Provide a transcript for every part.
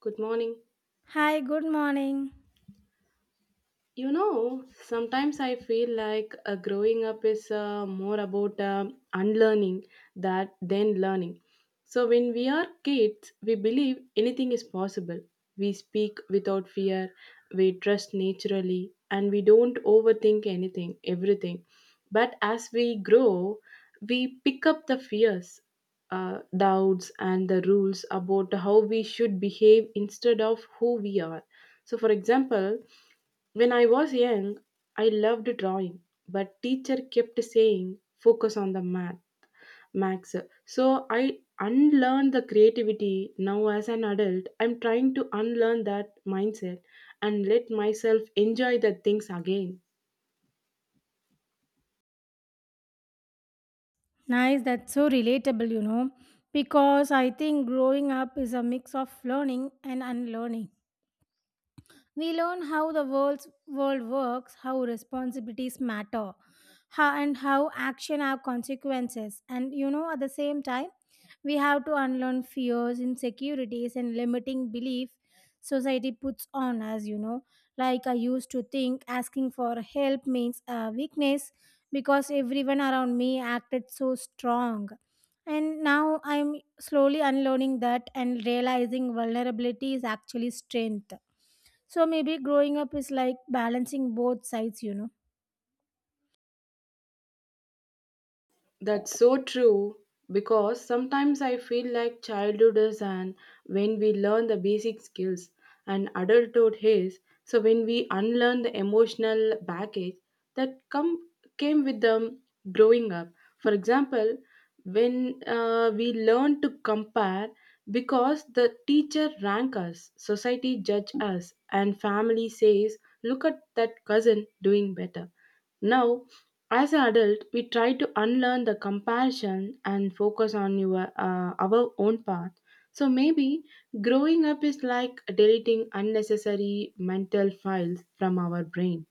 Good morning. Hi, good morning. You know, sometimes I feel like growing up is more about unlearning that than learning. So when we are kids, we believe anything is possible. We speak without fear, we trust naturally, and we don't overthink everything. But as we grow, we pick up the fears, doubts, and the rules about how we should behave instead of who we are. So, for example, when I was young, I loved drawing, but teacher kept saying focus on the math, max. So I unlearned the creativity. Now as an adult, I'm trying to unlearn that mindset and let myself enjoy the things again. Nice, that's so relatable, you know, because I think growing up is a mix of learning and unlearning. We learn how the world works, how responsibilities matter, how and how action have consequences. And you know, at the same time, we have to unlearn fears, insecurities, and limiting belief society puts on us. You know, like I used to think asking for help means weakness because everyone around me acted so strong. And now I'm slowly unlearning that and realizing vulnerability is actually strength. So maybe growing up is like balancing both sides, you know. That's so true because sometimes I feel like childhood is an when we learn the basic skills and adulthood is so when we unlearn the emotional baggage that come came with them growing up. For example, when we learn to compare because the teacher rank us, society judge us, and family says, "Look at that cousin doing better." Now, as an adult, we try to unlearn the comparison and focus on our own path. So maybe growing up is like deleting unnecessary mental files from our brain.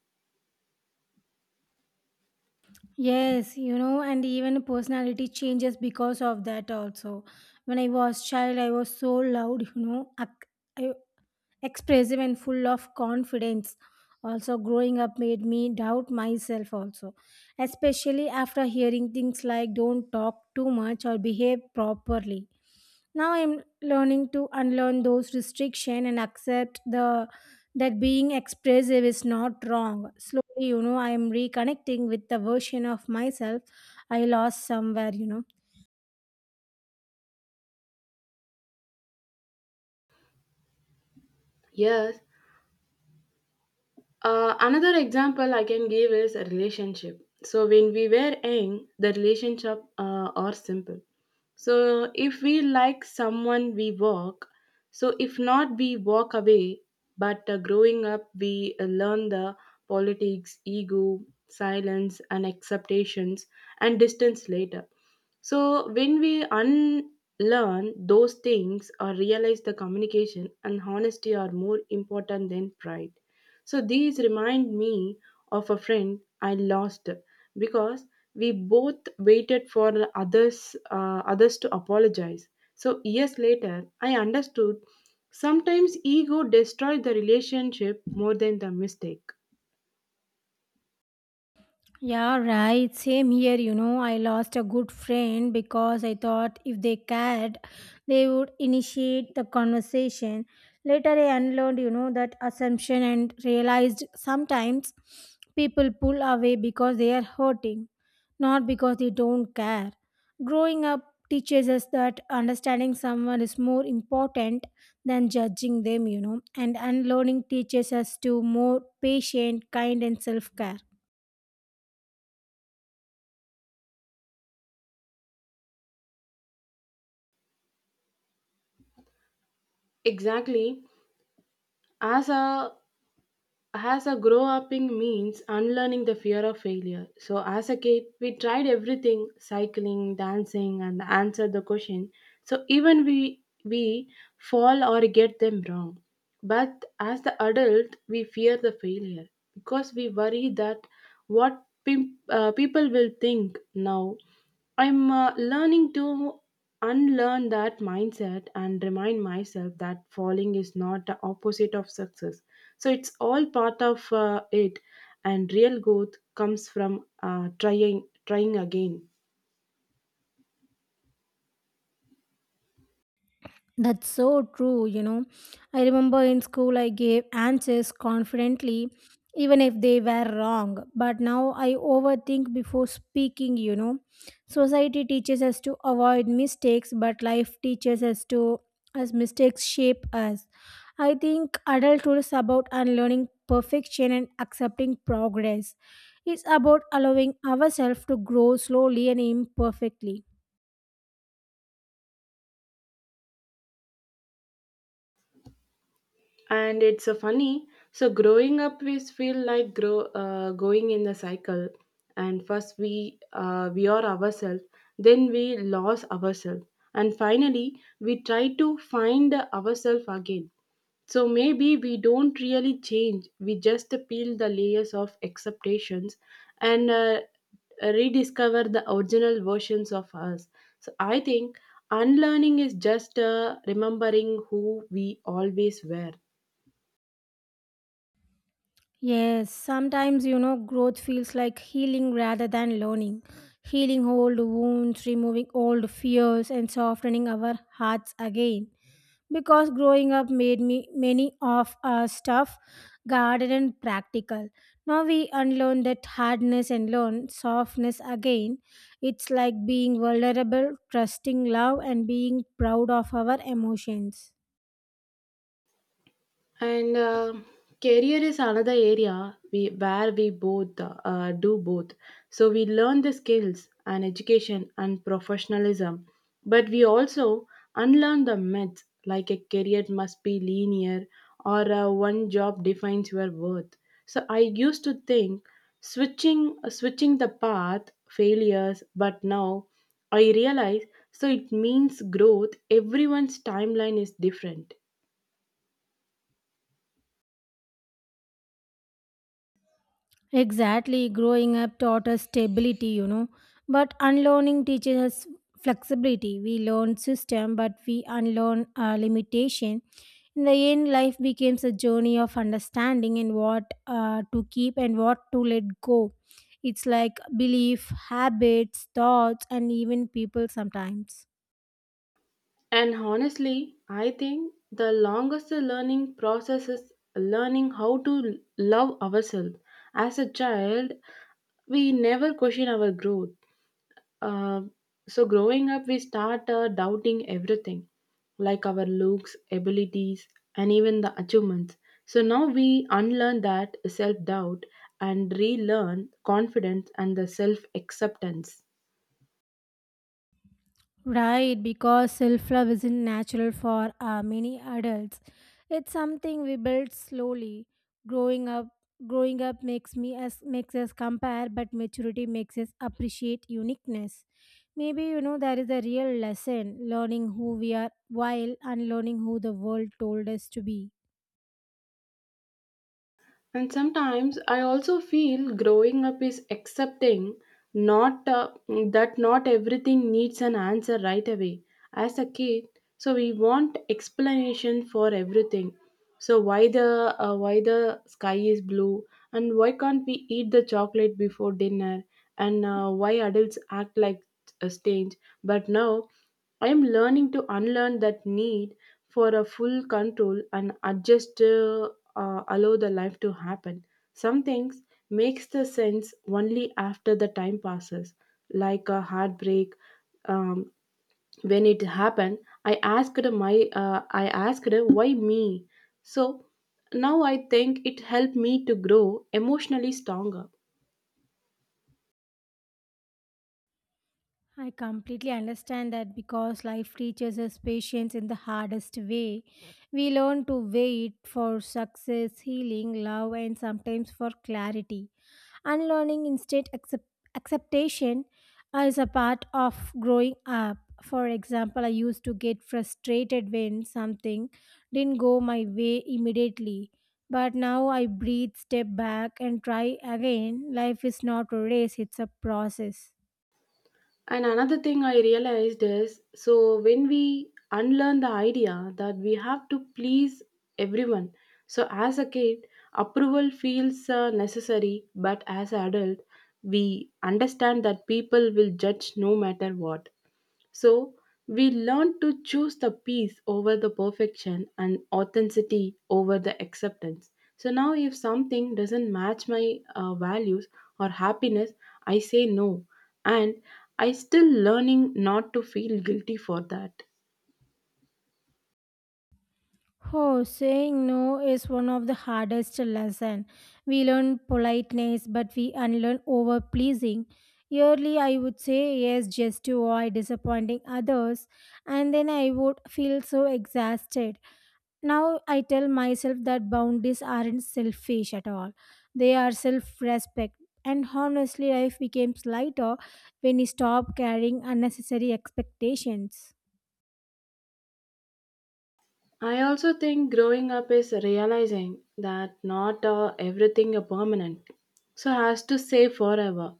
Yes, you know, and even personality changes because of that also. When I was child, I was so loud, you know, I- expressive and full of confidence. Also, growing up made me doubt myself also, especially after hearing things like don't talk too much or behave properly. Now I'm learning to unlearn those restriction and accept the that being expressive is not wrong slowly, you know, I am reconnecting with the version of myself I lost somewhere, you know. Yes. Another example I can give is a relationship. So when we were young, the relationship are simple. So if we like someone, we walk. So if not, we walk away. But growing up, we learn the politics, ego, silence, and acceptations and distance later. So when we unlearn those things or realize the communication and honesty are more important than pride. So these remind me of a friend I lost because we both waited for the others to apologize. So years later, I understood sometimes ego destroys the relationship more than the mistake. Yeah, right. Same here, you know. I lost a good friend because I thought if they cared, they would initiate the conversation. Later, I unlearned, you know, that assumption and realized sometimes people pull away because they are hurting, not because they don't care. Growing up teaches us that understanding someone is more important than judging them, you know, and unlearning teaches us to more patient, kind, and self care. Exactly. As a As a grow upping means unlearning the fear of failure. So as a kid, we tried everything, cycling, dancing, and answered the question. So even we fall or get them wrong. But as the adult, we fear the failure because we worry that what people will think now I'm learning to unlearn that mindset and remind myself that falling is not the opposite of success. So it's all part of it, and real growth comes from trying, trying again. That's so true, you know. I remember in school I gave answers confidently, even if they were wrong. But now I overthink before speaking, you know. Society teaches us to avoid mistakes, but life teaches us to, as mistakes shape us. I think adulthood is about unlearning perfection and accepting progress. It's about allowing ourselves to grow slowly and imperfectly. And it's funny. So growing up, we feel like grow going in the cycle, and first we are ourselves, then we lose ourselves, and finally we try to find ourselves again. So maybe we don't really change, we just peel the layers of acceptations and rediscover the original versions of us. So I think unlearning is just remembering who we always were. Yes, sometimes you know growth feels like healing rather than learning. Healing old wounds, removing old fears and softening our hearts again. Because growing up made me many of our stuff guarded and practical. Now we unlearn that hardness and learn softness again. It's like being vulnerable, trusting love and being proud of our emotions. And career is another area where we both do both. So we learn the skills and education and professionalism, but we also unlearn the myths like a career must be linear or one job defines your worth. So I used to think switching the path failures, but now I realize so it means growth. Everyone's timeline is different. Exactly. Growing up taught us stability, you know, but unlearning teaches us flexibility. We learn system, but we unlearn limitation. In the end, life becomes a journey of understanding and what to keep and what to let go. It's like belief, habits, thoughts, and even people sometimes. And honestly, I think the longest learning process is learning how to love ourselves. As a child, we never question our growth. Uh, so, growing up, we start doubting everything like our looks, abilities, and even the achievements. So, now we unlearn that self doubt and relearn confidence and the self acceptance. Right, because self love isn't natural for many adults. It's something we build slowly. Growing up, growing up makes me as makes us compare, but maturity makes us appreciate uniqueness. Maybe you know that is a real lesson: learning who we are while unlearning who the world told us to be. And sometimes I also feel growing up is accepting not that not everything needs an answer right away. As a kid, so we want explanation for everything. So why the sky is blue and why can't we eat the chocolate before dinner and why adults act like a stage. But now I am learning to unlearn that need for a full control and adjust allow the life to happen. Some things makes the sense only after the time passes, like a heartbreak. Um, when it happened, I asked why me. So now I think it helped me to grow emotionally stronger. I completely understand that because life teaches us patience in the hardest way. We learn to wait for success, healing, love, and sometimes for clarity. Unlearning instant acceptation is a part of growing up. For example, I used to get frustrated when something didn't go my way immediately. But now I breathe, step back, and try again. Life is not a race, it's a process. And another thing I realized is so when we unlearn the idea that we have to please everyone. So as a kid, approval feels necessary, but as an adult, we understand that people will judge no matter what. So we learn to choose the peace over the perfection and authenticity over the acceptance. So now, if something doesn't match my values or happiness, I say no, and I still learning not to feel guilty for that. Oh, saying no is one of the hardest lessons. We learn politeness, but we unlearn over pleasing. Early, I would say yes just to avoid disappointing others, and then I would feel so exhausted. Now I tell myself that boundaries aren't selfish at all; they are self-respect. And honestly, life becomes lighter when you stop carrying unnecessary expectations. I also think growing up is realizing that not everything is permanent, so has to stay forever.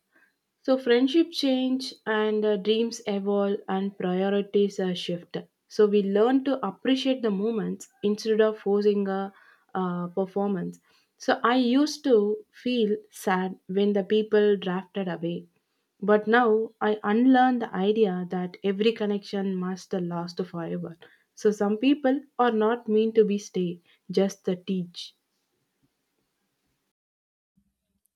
So friendship change and dreams evolve and priorities shift. So we learn to appreciate the moments instead of forcing a performance. So I used to feel sad when the people drafted away, but now I unlearn the idea that every connection must last forever. So some people are not meant to be stay, just the teach.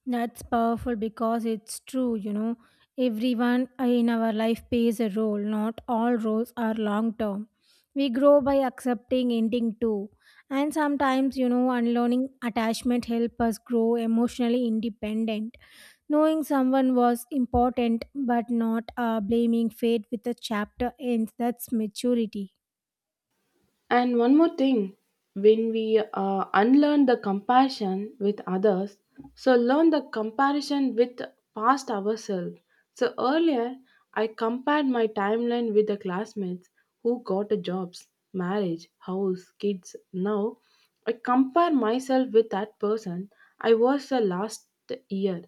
That's powerful because it's true, you know. Everyone in our life plays a role, not all roles are long term. We grow by accepting ending too. And sometimes, you know, unlearning attachment help us grow emotionally independent. Knowing someone was important but not blaming fate with a chapter ends, that's maturity. And one more thing, when we unlearn the compassion with others, so learn the comparison with past ourselves. So earlier, I compared my timeline with the classmates who got a jobs, marriage, house, kids. Now, I compare myself with that person I was the last year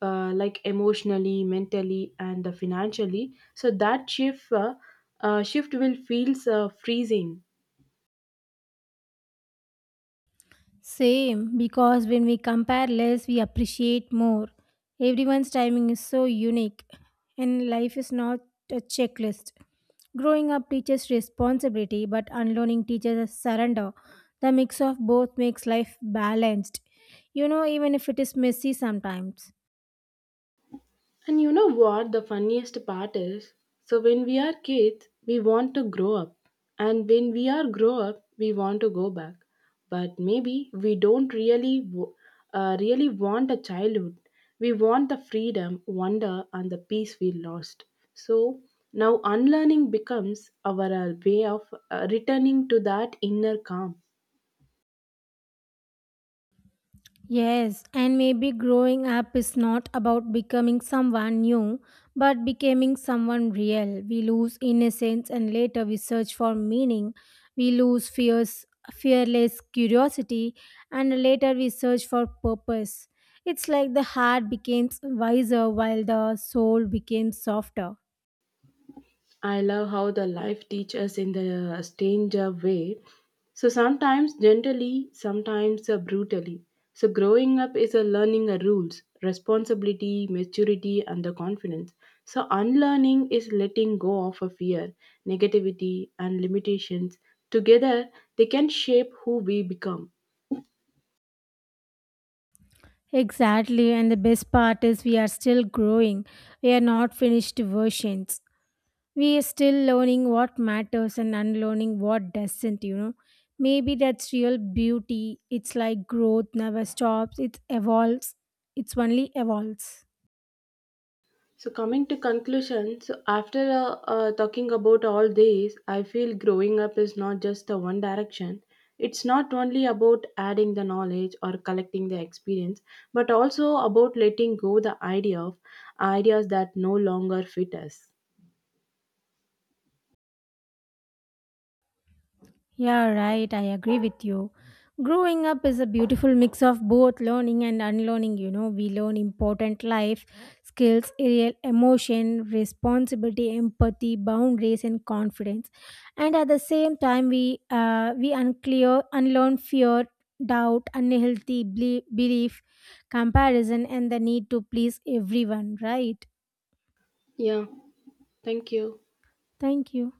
uh, like emotionally, mentally, and financially. So that shift will feels freezing. Same, because when we compare less, we appreciate more. Everyone's timing is so unique, and life is not a checklist. Growing up teaches responsibility, but unlearning teaches us surrender. The mix of both makes life balanced. You know, even if it is messy sometimes. And you know what the funniest part is? So when we are kids, we want to grow up. And when we are grow up, we want to go back. But maybe we don't really want a childhood. We want the freedom, wonder and the peace we lost. So now unlearning becomes our way of returning to that inner calm. Yes, and maybe growing up is not about becoming someone new, but becoming someone real. We lose innocence and later we search for meaning. We lose fierce, fearless curiosity and later we search for purpose. It's like the heart becomes wiser while the soul becomes softer. I love how the life teaches us in the stranger way. So sometimes gently, sometimes brutally. So growing up is a learning rules, responsibility, maturity, and the confidence. So unlearning is letting go of a fear, negativity, and limitations. Together, they can shape who we become. Exactly, and the best part is we are still growing. We are not finished versions. We are still learning what matters and unlearning what doesn't, you know. Maybe that's real beauty. It's like growth never stops, it evolves, it's only evolves. So, coming to conclusion, so after talking about all these, I feel growing up is not just a one direction. It's not only about adding the knowledge or collecting the experience, but also about letting go the idea of ideas that no longer fit us. Yeah, right. I agree with you. Growing up is a beautiful mix of both learning and unlearning. You know, we learn important life skills, real emotion, responsibility, empathy, boundaries, and confidence. And at the same time, we unlearn fear, doubt, unhealthy belief, comparison, and the need to please everyone. Right. Yeah, thank you. Thank you.